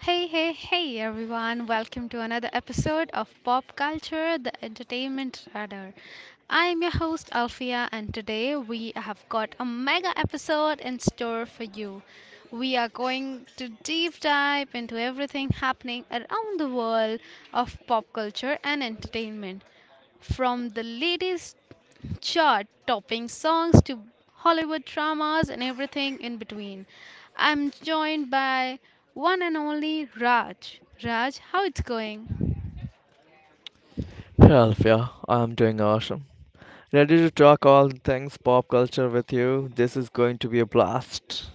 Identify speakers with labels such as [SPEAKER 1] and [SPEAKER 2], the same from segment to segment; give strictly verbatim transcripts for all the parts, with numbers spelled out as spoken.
[SPEAKER 1] Hey, hey, hey, everyone. Welcome to another episode of Pop Culture, the Entertainment Radar. I'm your host, Alfia, and today we have got a mega episode in store for you. We are going to deep dive into everything happening around the world of pop culture and entertainment. From the latest chart topping songs to Hollywood dramas and everything in between. I'm joined by one and only Raj. Raj, how it's going?
[SPEAKER 2] Hey Alfia, I'm doing awesome. Ready to talk all things pop culture with you? This is going to be a blast.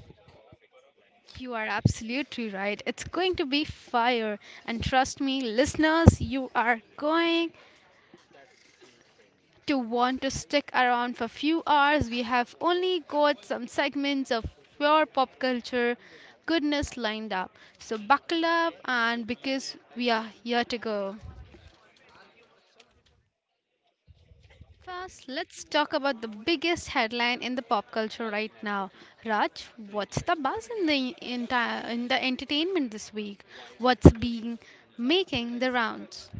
[SPEAKER 1] You are absolutely right. It's going to be fire. And trust me, listeners, you are going to want to stick around for a few hours. We have only got some segments of pure pop culture goodness lined up. So buckle up and because we are here to go. First, let's talk about the biggest headline in the pop culture right now. Raj, what's the buzz in the entire in the entertainment this week? What's being making the rounds?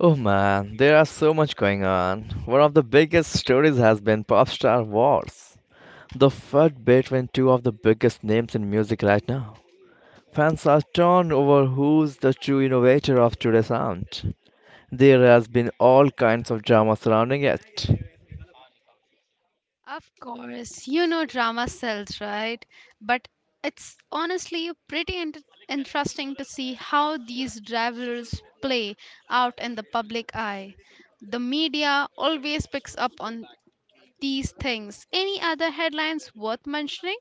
[SPEAKER 2] Oh man, there are so much going on. One of the biggest stories has been pop star wars. The fight between two of the biggest names in music right now. Fans are torn over who's the true innovator of today's sound. There has been all kinds of drama surrounding it.
[SPEAKER 1] Of course, you know drama sells, right? But it's honestly pretty int- interesting to see how these rivalries play out in the public eye. The media always picks up on these things. Any other headlines worth mentioning?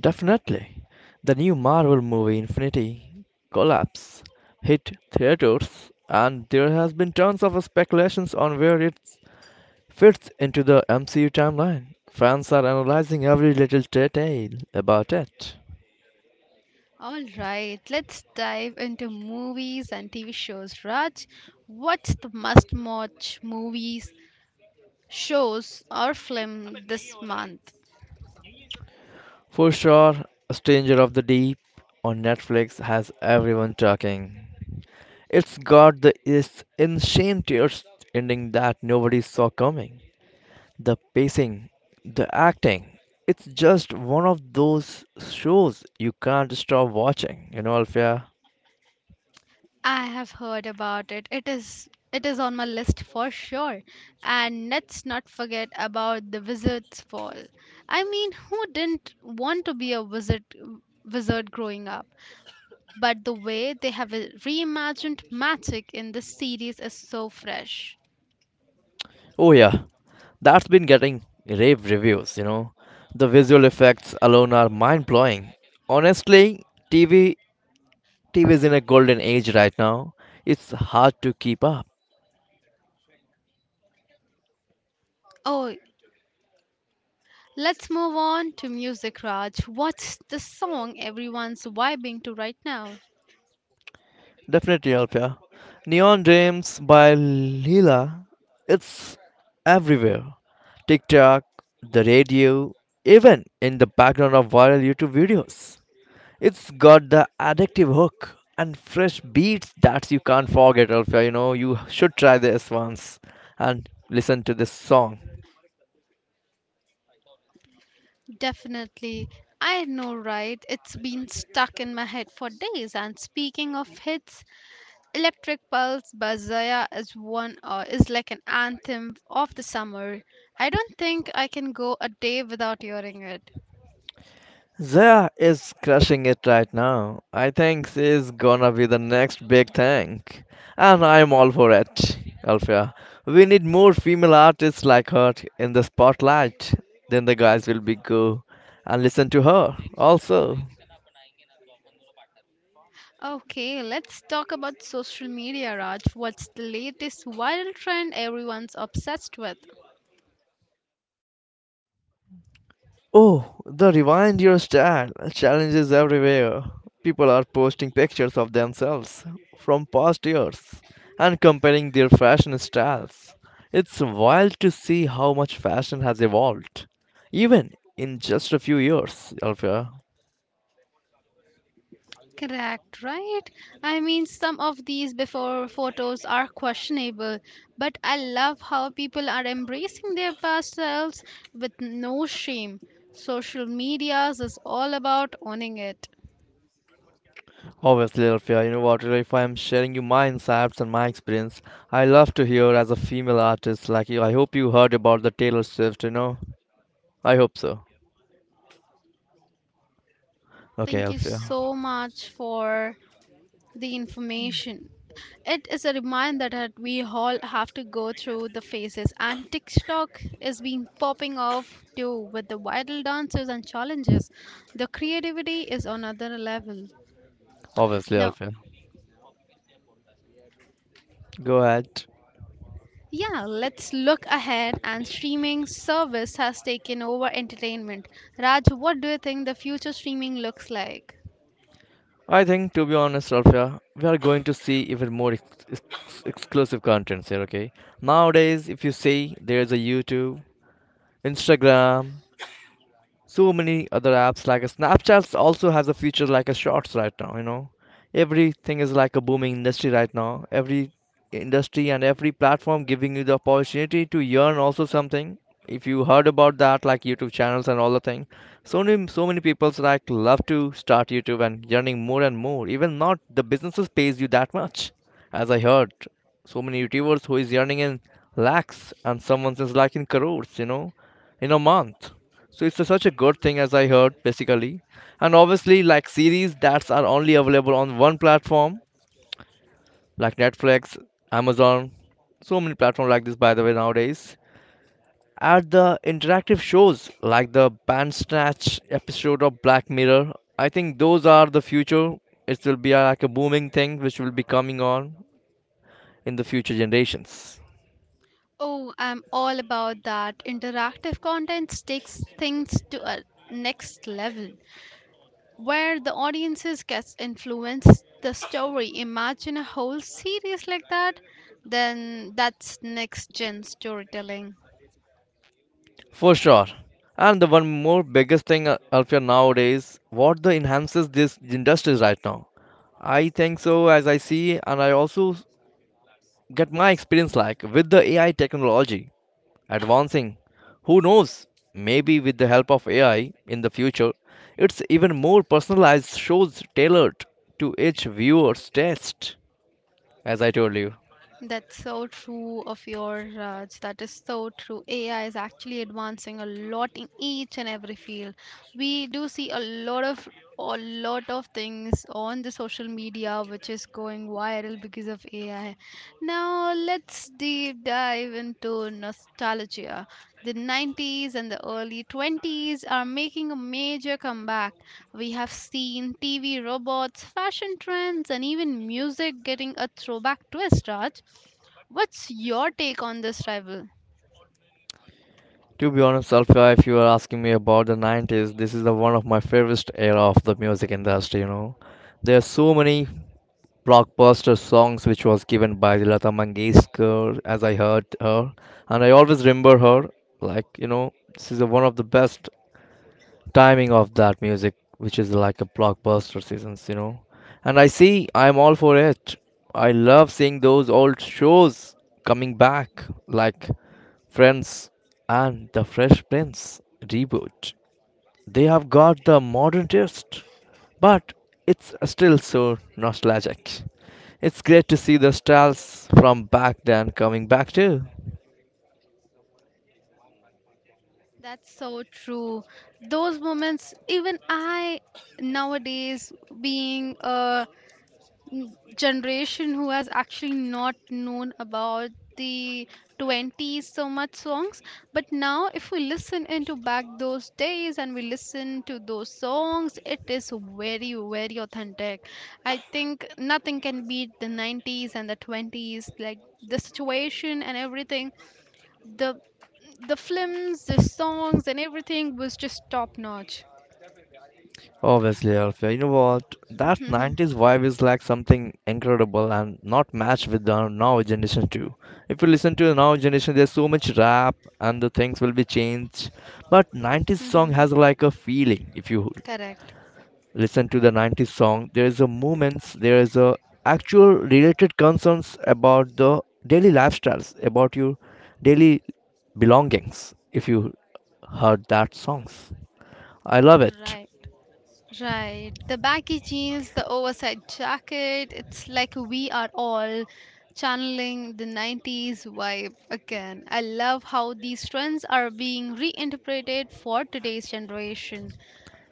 [SPEAKER 2] Definitely. The new Marvel movie Infinity Collapse hit theaters, and there has been tons of speculations on where it fits into the M C U timeline. Fans are analyzing every little detail about it.
[SPEAKER 1] All right, let's dive into movies and T V shows. Raj, what's the must watch movies, shows, or film this month?
[SPEAKER 2] For sure, A Stranger of the Deep on Netflix has everyone talking. It's got the is insane tears ending that nobody saw coming. The pacing, the acting, it's just one of those shows you can't stop watching, you know, Alfia.
[SPEAKER 1] I have heard about it. It is it is on my list for sure. And let's not forget about the wizard's fall. I mean, who didn't want to be a wizard wizard growing up? But the way they have uh, reimagined magic in this series is so fresh.
[SPEAKER 2] Oh, yeah, that's been getting rave reviews, you know. The visual effects alone are mind blowing. Honestly, T V, T V is in a golden age right now. It's hard to keep up.
[SPEAKER 1] Oh, let's move on to music, Raj. What's the song everyone's vibing to right now?
[SPEAKER 2] Definitely, Alpia. Neon Dreams by Leela. It's everywhere. TikTok, the radio, even in the background of viral YouTube videos. It's got the addictive hook and fresh beats that you can't forget, Alpia. You know, you should try this once and listen to this song.
[SPEAKER 1] Definitely. I know, right? It's been stuck in my head for days. And speaking of hits, Electric Pulse by Zaya is one uh, is like an anthem of the summer. I don't think I can go a day without hearing it.
[SPEAKER 2] Zaya is crushing it right now. I think she's gonna be the next big thing. And I'm all for it, Alfia. We need more female artists like her in the spotlight. Then the guys will be go and listen to her also.
[SPEAKER 1] Okay, let's talk about social media, Raj. What's the latest viral trend everyone's obsessed with?
[SPEAKER 2] Oh, the rewind your style challenges everywhere. People are posting pictures of themselves from past years and comparing their fashion styles. It's wild to see how much fashion has evolved, even in just a few years, Alfia.
[SPEAKER 1] Correct, right? I mean, some of these before photos are questionable, but I love how people are embracing their past selves with no shame. Social medias is all about owning it.
[SPEAKER 2] Obviously, Alfia, you know what? If I'm sharing you my insights and my experience, I love to hear as a female artist like you. I hope you heard about the Taylor Swift, you know? I hope so. Okay,
[SPEAKER 1] Thank you
[SPEAKER 2] Alfia.
[SPEAKER 1] so much for the information. It is a reminder that we all have to go through the phases, and TikTok is been popping off too with the viral dances and challenges. The creativity is on another level.
[SPEAKER 2] Obviously,
[SPEAKER 1] No,
[SPEAKER 2] Alfia. Go ahead.
[SPEAKER 1] yeah, let's look ahead and streaming service has taken over entertainment. Raj, what do you think the future streaming looks like?
[SPEAKER 2] I think, to be honest, Alfia, we are going to see even more ex- ex- exclusive contents here, okay? Nowadays, if you see, there's a YouTube, Instagram, so many other apps like a Snapchat also has a feature like a shorts right now, you know. Everything is like a booming industry right now. Every industry and every platform giving you the opportunity to earn also something. If you heard about that, like YouTube channels and all the thing, so many so many people's like love to start YouTube and earning more and more. Even not the businesses pays you that much, as I heard. So many YouTubers who is earning in lakhs and someone is like in crores, you know, in a month. So it's a- such a good thing as I heard basically. And obviously like series that are only available on one platform like Netflix, Amazon, so many platforms like this by the way nowadays. At the interactive shows like the Bandersnatch episode of Black Mirror, I think those are the future. It will be uh, like a booming thing which will be coming on in the future generations.
[SPEAKER 1] Oh, I'm all about that. Interactive content takes things to a next level where the audiences gets influenced the story. Imagine a whole series like that, then that's next gen storytelling.
[SPEAKER 2] For sure. And the one more biggest thing, uh, Alfia, nowadays, what the enhances this industry right now. I think so, as I see, and I also s- get my experience like with the A I technology advancing. Who knows? Maybe with the help of A I in the future, it's even more personalized shows tailored to each viewer's taste, as I told you.
[SPEAKER 1] That's so true of your Raj. That is so true. A I is actually advancing a lot in each and every field. We do see a lot of a lot of things on the social media which is going viral because of A I. Now let's deep dive into nostalgia. The nineties and the early twenties are making a major comeback. We have seen T V robots, fashion trends, and even music getting a throwback twist, Raj. What's your take on this rival?
[SPEAKER 2] To be honest, Alfia, if you are asking me about the nineties, this is the one of my favorite era of the music industry, you know. There are so many blockbuster songs which was given by Lata Mangeshkar as I heard her and I always remember her like, you know, this is the one of the best timing of that music which is like a blockbuster seasons, you know. And I see I'm all for it. I love seeing those old shows coming back like Friends and the Fresh Prince reboot. They have got the modern twist, but it's still so nostalgic. It's great to see the styles from back then coming back too.
[SPEAKER 1] That's so true. Those moments, even I nowadays being a generation who has actually not known about the twenties so much songs, but now if we listen into back those days and we listen to those songs, it is very very authentic. I think nothing can beat the nineties and the twenties, like the situation and everything, the the films, the songs, and everything was just top notch.
[SPEAKER 2] Obviously, Alfia, you know what? That nineties vibe is like something incredible and not matched with the now generation too. If you listen to the now generation, there's so much rap and the things will be changed. But nineties song has
[SPEAKER 1] hmm
[SPEAKER 2] like a feeling. If you
[SPEAKER 1] correct,
[SPEAKER 2] listen to the nineties song, there is a movements, there is a actual related concerns about the daily lifestyles, about your daily belongings if you heard that songs. I love it.
[SPEAKER 1] right. Right. The baggy jeans, the oversized jacket, it's like we are all channeling the nineties vibe again. I love how these trends are being reinterpreted for today's generation.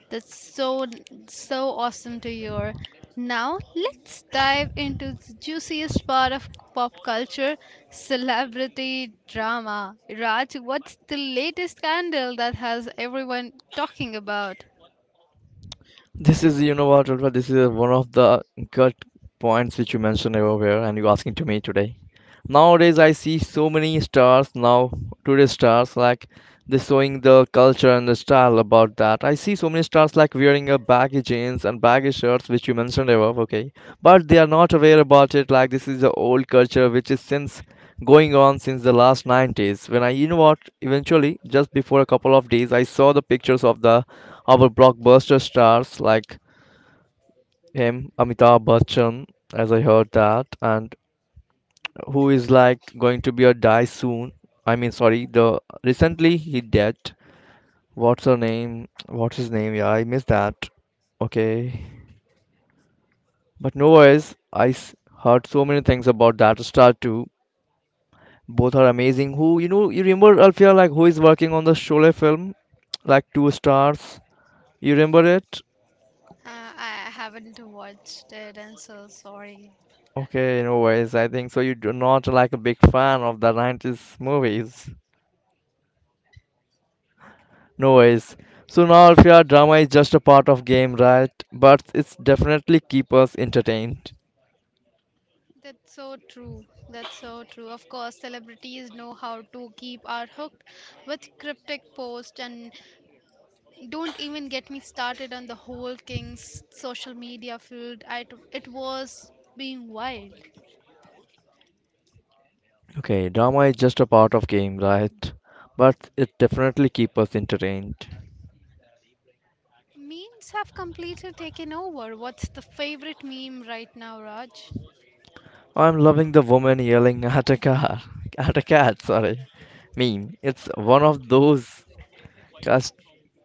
[SPEAKER 1] That's so so awesome to hear. Now, let's dive into the juiciest part of pop culture, celebrity drama. Raj, what's the latest scandal that has everyone talking about?
[SPEAKER 2] This is, you know what, Ulfa, this is one of the gut points which you mentioned everywhere and you asking to me today. Nowadays, I see so many stars now, today's stars, like they showing the culture and the style about that. I see so many stars like wearing a baggy jeans and baggy shirts, which you mentioned above, okay. But they are not aware about it, like this is the old culture which is since going on since the last nineties. When I, you know what, eventually, just before a couple of days, I saw the pictures of the our blockbuster stars like him, Amitabh Bachchan, as I heard that, and who is like going to be a die soon. I mean, sorry, the recently he dead. What's her name? What's his name? Yeah, I missed that. Okay, but no worries. I s- heard so many things about that star too. Both are amazing. Who you know? You remember Alfia, like who is working on the Sholay film, like two stars. You remember it?
[SPEAKER 1] Uh, I haven't watched it. I'm so sorry.
[SPEAKER 2] Okay, no worries. I think so. You do not like a big fan of the nineties movies. No worries. So now, if your drama is just a part of game, right? But it's definitely keep us entertained.
[SPEAKER 1] That's so true. That's so true. Of course, celebrities know how to keep our hooked with cryptic posts, and don't even get me started on the whole King's social media field. I t- it was being wild.
[SPEAKER 2] Okay, drama is just a part of game, right? But it definitely keep us entertained.
[SPEAKER 1] Memes have completely taken over. What's the favorite meme right now, Raj?
[SPEAKER 2] I'm loving the woman yelling at a car, at a cat. Sorry, meme. It's one of those class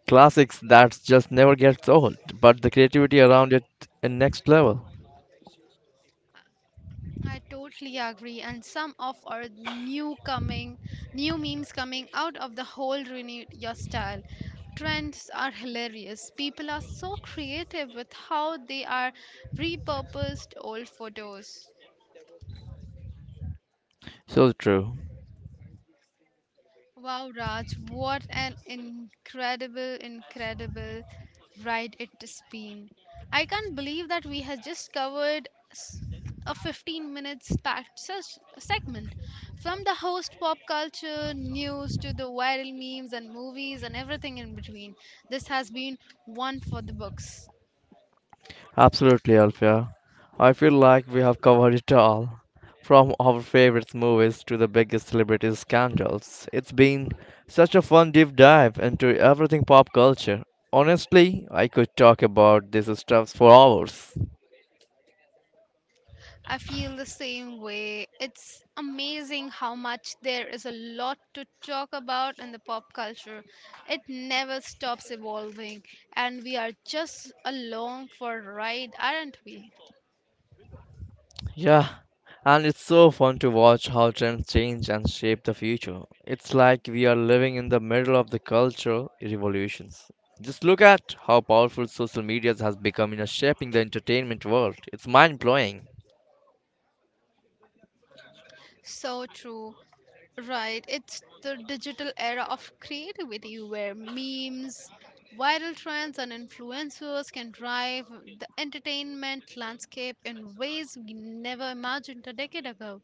[SPEAKER 2] classics that just never gets old. But the creativity around it, is next level.
[SPEAKER 1] I totally agree, and some of our new coming, new memes coming out of the whole renew your style. Trends are hilarious. People are so creative with how they are repurposed old photos.
[SPEAKER 2] So true.
[SPEAKER 1] Wow, Raj, what an incredible, incredible ride it's been. I can't believe that we have just covered s- a fifteen minutes packed se- segment from the host pop culture news to the viral memes and movies and everything in between. This has been one for the books.
[SPEAKER 2] Absolutely, Alfia. I feel like we have covered it all. From our favorite movies to the biggest celebrity scandals. It's been such a fun deep dive into everything pop culture. Honestly, I could talk about this stuff for hours.
[SPEAKER 1] I feel the same way. It's amazing how much there is a lot to talk about in the pop culture. It never stops evolving, and we are just along for a ride, aren't we?
[SPEAKER 2] Yeah, and it's so fun to watch how trends change and shape the future. It's like we are living in the middle of the cultural revolutions. Just look at how powerful social media has become in a shaping the entertainment world. It's mind blowing.
[SPEAKER 1] So true. Right, it's the digital era of creativity where memes, viral trends, and influencers can drive the entertainment landscape in ways we never imagined a decade ago.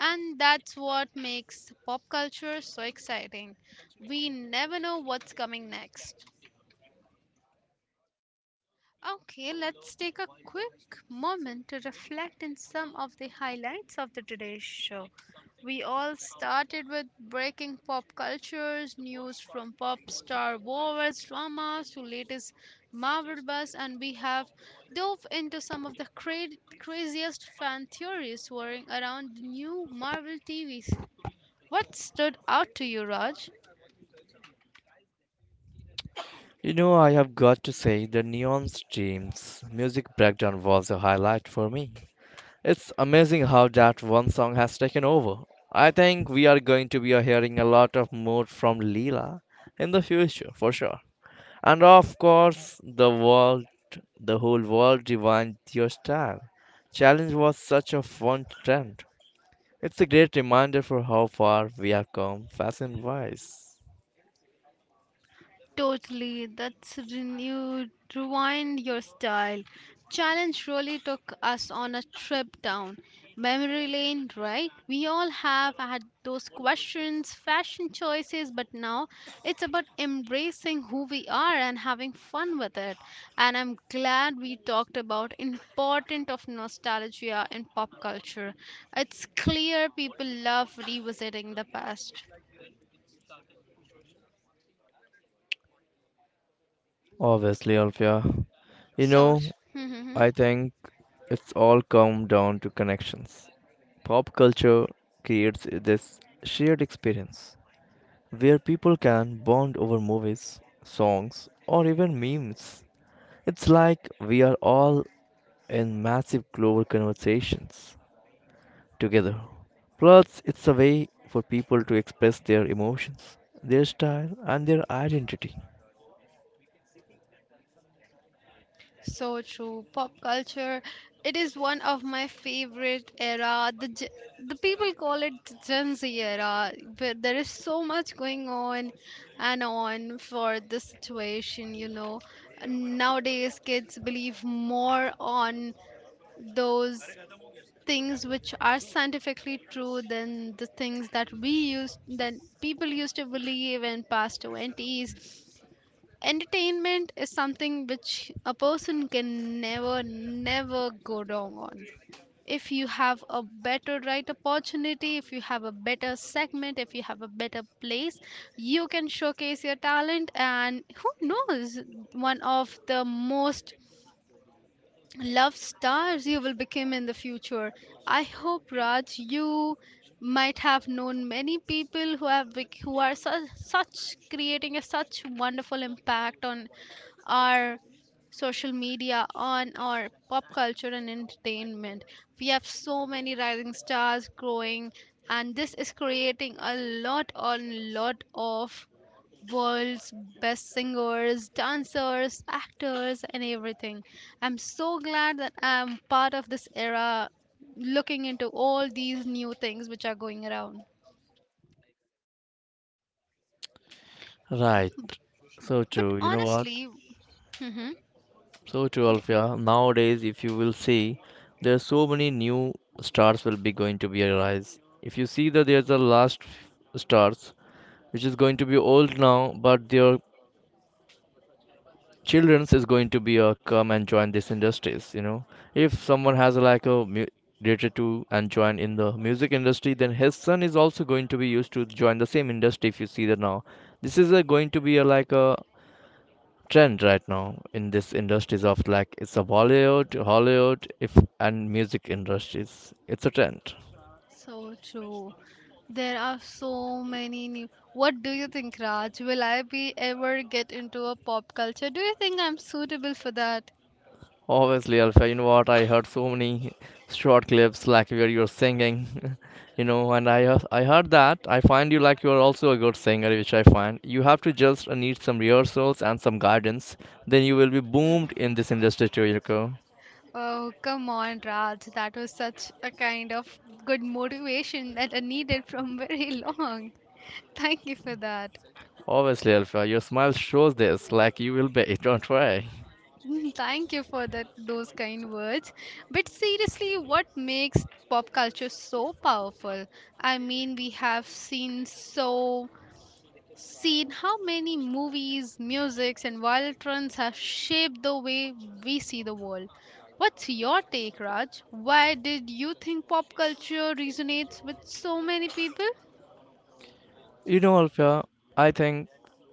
[SPEAKER 1] And that's what makes pop culture so exciting. We never know what's coming next. Okay, let's take a quick moment to reflect on some of the highlights of the today's show. We all started with breaking pop cultures, news from pop star wars, dramas to latest Marvel buzz, and we have dove into some of the cra- craziest fan theories swirling around the new Marvel T V. What stood out to you, Raj?
[SPEAKER 2] You know, I have got to say, the Neon Streams music breakdown was a highlight for me. It's amazing how that one song has taken over. I think we are going to be hearing a lot of more from Leela in the future, for sure. And of course, the world, the whole world divined your style. Challenge was such a fun trend. It's a great reminder for how far we have come, fashion wise.
[SPEAKER 1] Totally, that's renewed, rewind your style. Challenge really took us on a trip down memory lane, right? We all have had those questions, fashion choices, but now it's about embracing who we are and having fun with it. And I'm glad we talked about important of nostalgia in pop culture. It's clear people love revisiting the past.
[SPEAKER 2] Obviously, Alfia. You
[SPEAKER 1] So, tr-
[SPEAKER 2] know,
[SPEAKER 1] mhm.
[SPEAKER 2] I think it's all come down to connections. Pop culture creates this shared experience where people can bond over movies, songs, or even memes. It's like we are all in massive global conversations together. Plus, it's a way for people to express their emotions, their style, and their identity.
[SPEAKER 1] So true. Pop culture, it is one of my favorite era. The Ge- the people call it Gen Z era, where there is so much going on and on for the situation. You know, nowadays kids believe more on those things which are scientifically true than the things that we used that people used to believe in past twenties. Entertainment is something which a person can never never go wrong on. If you have a better right opportunity, if you have a better segment, if you have a better place, you can showcase your talent, and who knows, one of the most love stars you will become in the future. I hope, Raj, you might have known many people who have bec- who are such, such creating a such wonderful impact on our social media, on our pop culture and entertainment. We have so many rising stars growing, and this is creating a lot on lot of world's best singers, dancers, actors, and everything. I'm so glad that I'm part of this era looking into all these new things which are going around.
[SPEAKER 2] Right. So
[SPEAKER 1] But
[SPEAKER 2] true. You know what?
[SPEAKER 1] honestly, hmm,
[SPEAKER 2] So true,
[SPEAKER 1] yeah,
[SPEAKER 2] Alfia. Nowadays, if you will see, there are so many new stars will be going to be arise. If you see that there's a last f- stars which is going to be old now, but their children's is going to be a come and join these industries, you know. If someone has like a mu- related to and join in the music industry, then his son is also going to be used to join the same industry. If you see that now, this is a, going to be a like a trend right now in this industries of like it's a bollywood hollywood if and music industries, it's a trend.
[SPEAKER 1] so true. There are so many new. What do you think, Raj? Will I be ever get into a pop culture? Do you think I'm suitable for that?
[SPEAKER 2] Obviously, Alpha, you know what? I heard so many short clips like where you're singing, you know, and I hear- I heard that. I find you like you're also a good singer, which I find. You have to just uh, need some rehearsals and some guidance, then you will be boomed in this industry too, Yoko.
[SPEAKER 1] Oh, come on, Raj. That was such a kind of good motivation that I needed from very long. Thank you for that.
[SPEAKER 2] Obviously, Alpha, your smile shows this, like you will be. Don't worry.
[SPEAKER 1] Mm, thank you for that those kind words. But seriously, what makes pop culture so powerful? I mean, we have seen so seen how many movies, musics, and viral trends have shaped the way we see the world. What's your take, Raj? Why did you think pop culture resonates with so many people?
[SPEAKER 2] You know, Alfia, I think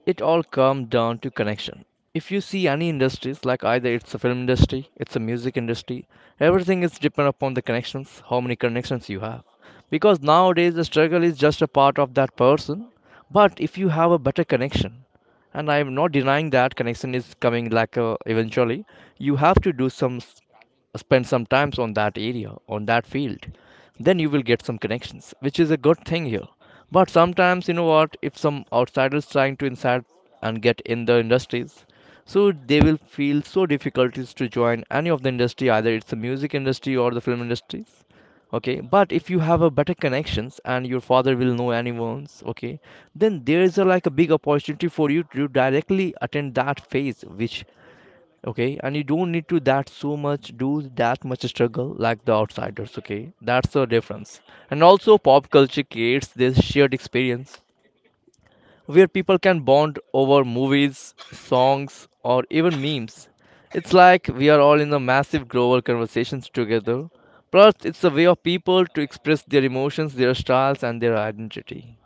[SPEAKER 2] it all comes down to connection. If you see any industries, like either it's a film industry, it's a music industry, everything is depend upon the connections, how many connections you have. Because nowadays the struggle is just a part of that person. But if you have a better connection, and I am not denying that connection is coming, like uh, eventually, you have to do some s- spend some times on that area, on that field, then you will get some connections, which is a good thing here. But sometimes, you know what, if some outsiders trying to inside and get in the industries, so they will feel so difficulties to join any of the industry, either it's the music industry or the film industries. Okay, but if you have a better connections and your father will know anyone's, okay, then there is a like a big opportunity for you to directly attend that phase which, okay, and you don't need to that so much, do that much struggle like the outsiders. Okay, that's the difference. And also pop culture creates this shared experience, where people can bond over movies, songs, or even memes. It's like we are all in the massive global conversations together. Plus it's a way of people to express their emotions, their styles, and their identity.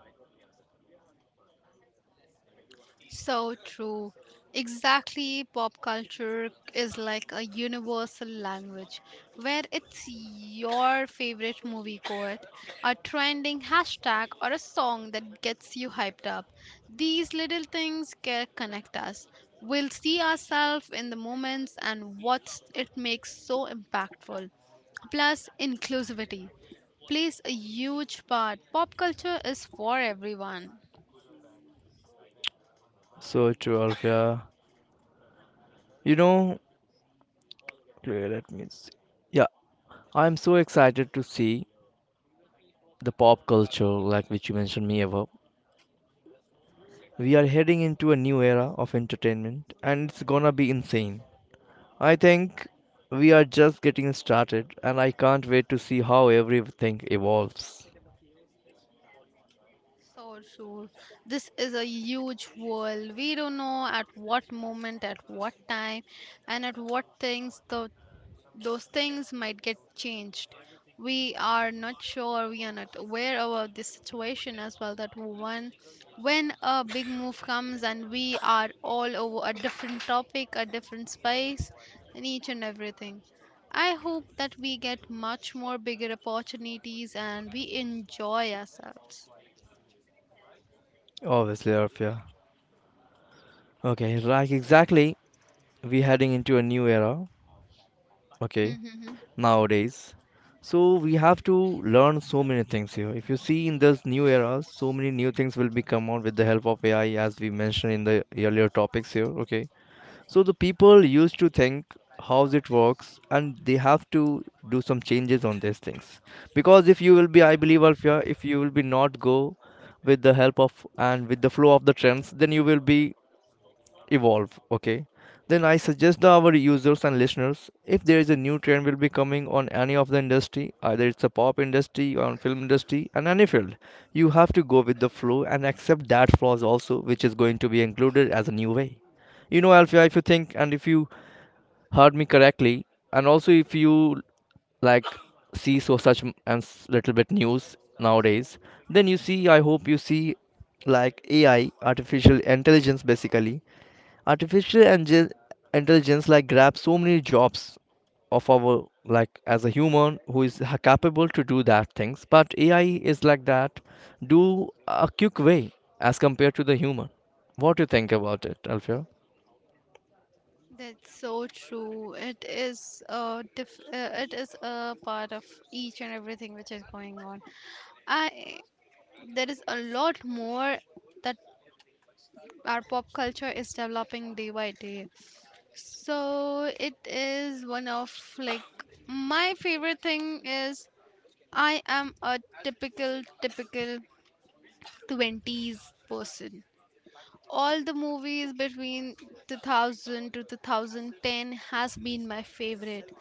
[SPEAKER 1] So true. Exactly, pop culture is like a universal language where it's your favorite movie quote, a trending hashtag, or a song that gets you hyped up. These little things can connect us. We'll see ourselves in the moments and what it makes so impactful. Plus, inclusivity plays a huge part. Pop culture is for everyone.
[SPEAKER 2] So true, Alfia. You know, wait, let me see. Yeah, I'm so excited to see the pop culture, like which you mentioned me above. We are heading into a new era of entertainment and it's gonna be insane. I think we are just getting started and I can't wait to see how everything evolves.
[SPEAKER 1] So true. This is a huge world. We don't know at what moment, at what time, and at what things tho- those things might get changed. We are not sure. We are not aware about this situation as well. That one, when a big move comes and we are all over a different topic, a different space, and each and everything. I hope that we get much more bigger opportunities and we enjoy ourselves.
[SPEAKER 2] Obviously, Arfia. Okay, like exactly, we're heading into a new era, okay, nowadays. So we have to learn so many things here. If you see in this new era, so many new things will be come out with the help of A I, as we mentioned in the earlier topics here, okay. So the people used to think how's it works and they have to do some changes on these things. Because if you will be, I believe, Alfia, if you will be not go with the help of and with the flow of the trends, then you will be evolve, okay, then I suggest our users and listeners, if there is a new trend will be coming on any of the industry, either it's a pop industry or on film industry and any field, you have to go with the flow and accept that flaws also, which is going to be included as a new way. You know, Alfia, if you think and if you heard me correctly, and also if you, like, see so such m- and s- little bit news nowadays, then you see, I hope you see, like AI, artificial intelligence, basically, artificial inge- intelligence like grabs so many jobs of our, like as a human who is ha- capable to do that things. But AI is like that do a quick way as compared to the human. What do you think about it, Alfio?
[SPEAKER 1] That's so true. It is a diff- uh, it is a part of each and everything which is going on. I there is a lot more that our pop culture is developing day by day. So it is one of like my favorite thing is I am a typical typical twenties person. All the movies between two thousand to two thousand ten has been my favorite.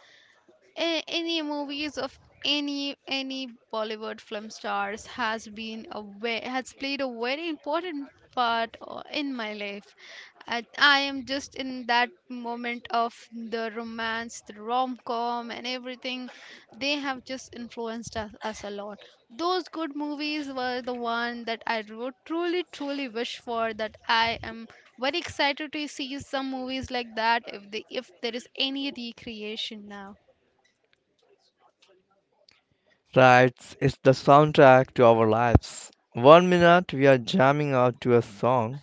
[SPEAKER 1] a- Any movies of any any Bollywood film stars has been a ve- has played a very important part o- in my life. I, I am just in that moment of the romance, the rom com, and everything. They have just influenced us, us a lot. Those good movies were the one that I would truly, truly wish for. That I am very excited to see some movies like that if they if there is any recreation now.
[SPEAKER 2] Right, it's the soundtrack to our lives. One minute we are jamming out to a song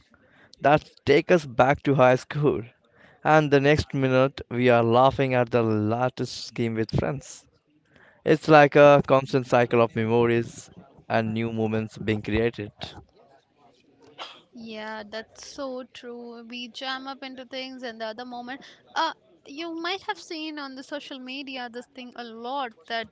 [SPEAKER 2] that take us back to high school, and the next minute we are laughing at the latest scheme with friends. It's like a constant cycle of memories and new moments being created.
[SPEAKER 1] Yeah, that's so true. We jam up into things and the other moment. Uh, you might have seen on the social media this thing a lot that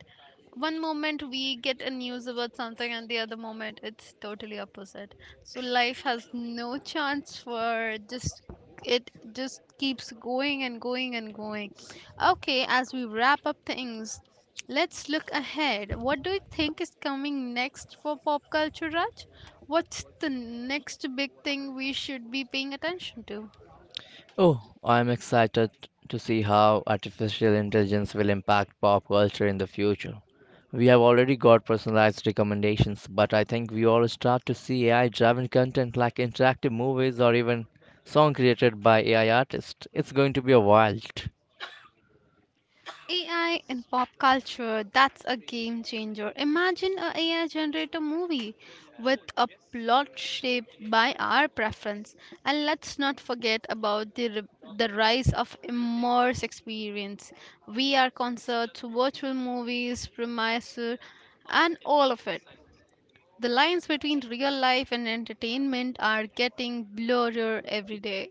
[SPEAKER 1] one moment we get a news about something and the other moment it's totally opposite. So life has no chance for just, it just keeps going and going and going. Okay, as we wrap up things, let's look ahead. What do you think is coming next for pop culture, Raj? What's the next big thing we should be paying attention to?
[SPEAKER 2] Oh, I'm excited to see how artificial intelligence will impact pop culture in the future. We have already got personalized recommendations, but I think we all start to see A I driven content like interactive movies or even song created by A I artists. It's going to be a wild.
[SPEAKER 1] A I in pop culture, that's a game changer. Imagine a AI generator movie with a plot shaped by our preference. And let's not forget about the r- the rise of immerse experience. V R concerts, virtual movies, premiere, and all of it. The lines between real life and entertainment are getting blurrier every day.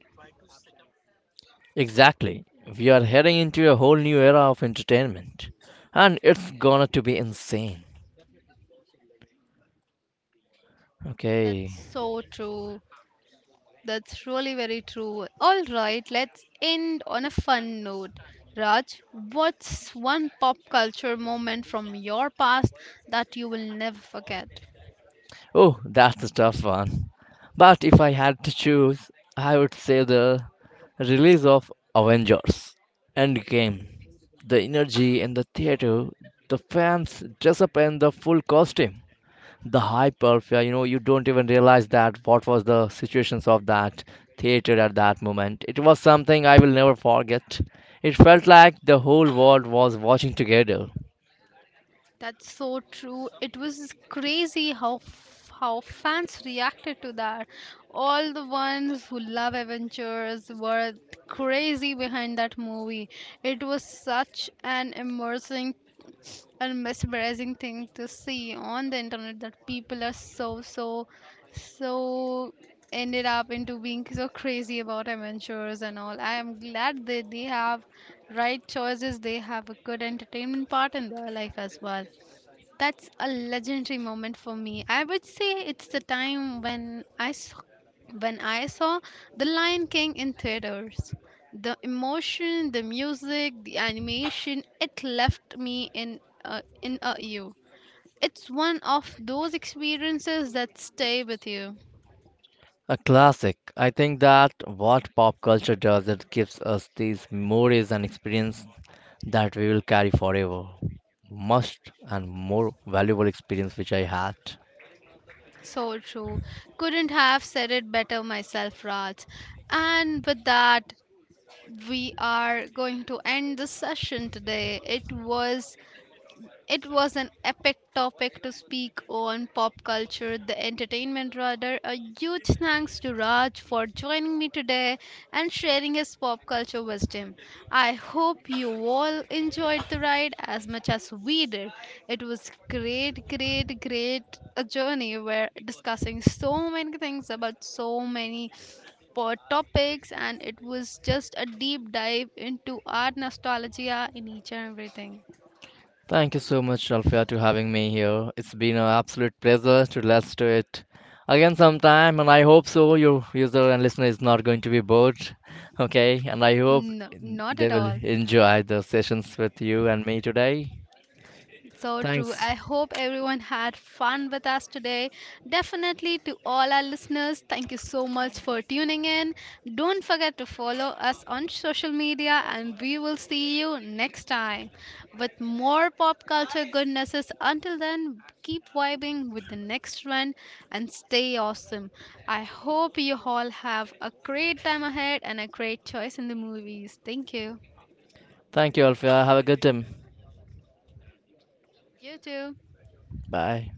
[SPEAKER 2] Exactly. We are heading into a whole new era of entertainment. And it's gonna to be insane.
[SPEAKER 1] That's
[SPEAKER 2] Okay.
[SPEAKER 1] so true. That's really very true. All right, let's end on a fun note. Raj, what's one pop culture moment from your past that you will never forget?
[SPEAKER 2] Oh, that's a tough one. But if I had to choose, I would say the release of Avengers Endgame. The energy in the theater, the fans dress up in the full costume, the hype of, uh, you know, you don't even realize that what was the situations of that theater at that moment. It was something I will never forget. It felt like the whole world was watching together.
[SPEAKER 1] That's so true. It was crazy how f- how fans reacted to that. All the ones who love Avengers were crazy behind that movie. It was such an immersing, a mesmerizing thing to see on the internet that people are so so so ended up into being so crazy about adventures and all. I am glad that they have right choices, they have a good entertainment part in their life as well. That's a legendary moment for me. I would say it's the time when I s- when I saw The Lion King in theaters. The emotion, the music, the animation, it left me in uh, in a you. It's one of those experiences that stay with you.
[SPEAKER 2] A classic. I think that what pop culture does, it gives us these memories and experience that we will carry forever. Must and more valuable experience which I had.
[SPEAKER 1] So true. Couldn't have said it better myself, Raj. And with that, we are going to end the session today. It was, It was an epic topic to speak on, pop culture, the entertainment rather. A huge thanks to Raj for joining me today and sharing his pop culture wisdom. I hope you all enjoyed the ride as much as we did. It was great, great, great a journey where discussing so many things about so many for topics, and it was just a deep dive into our nostalgia in each and everything.
[SPEAKER 2] Thank you so much, Alfia, to having me here. It's been an absolute pleasure. To let's do it again sometime, and I hope so. Your user and listener is not going to be bored, okay? And I hope
[SPEAKER 1] No, not
[SPEAKER 2] they
[SPEAKER 1] at
[SPEAKER 2] will
[SPEAKER 1] all.
[SPEAKER 2] enjoy the sessions with you and me today.
[SPEAKER 1] So true.
[SPEAKER 2] Thanks.
[SPEAKER 1] I hope everyone had fun with us today. Definitely, to all our listeners, thank you so much for tuning in. Don't forget to follow us on social media and we will see you next time with more pop culture goodnesses. Until then, keep vibing with the next one and stay awesome. I hope you all have a great time ahead and a great choice in the movies. Thank you.
[SPEAKER 2] Thank you, Alfia. Have a good time.
[SPEAKER 1] You too.
[SPEAKER 2] Bye.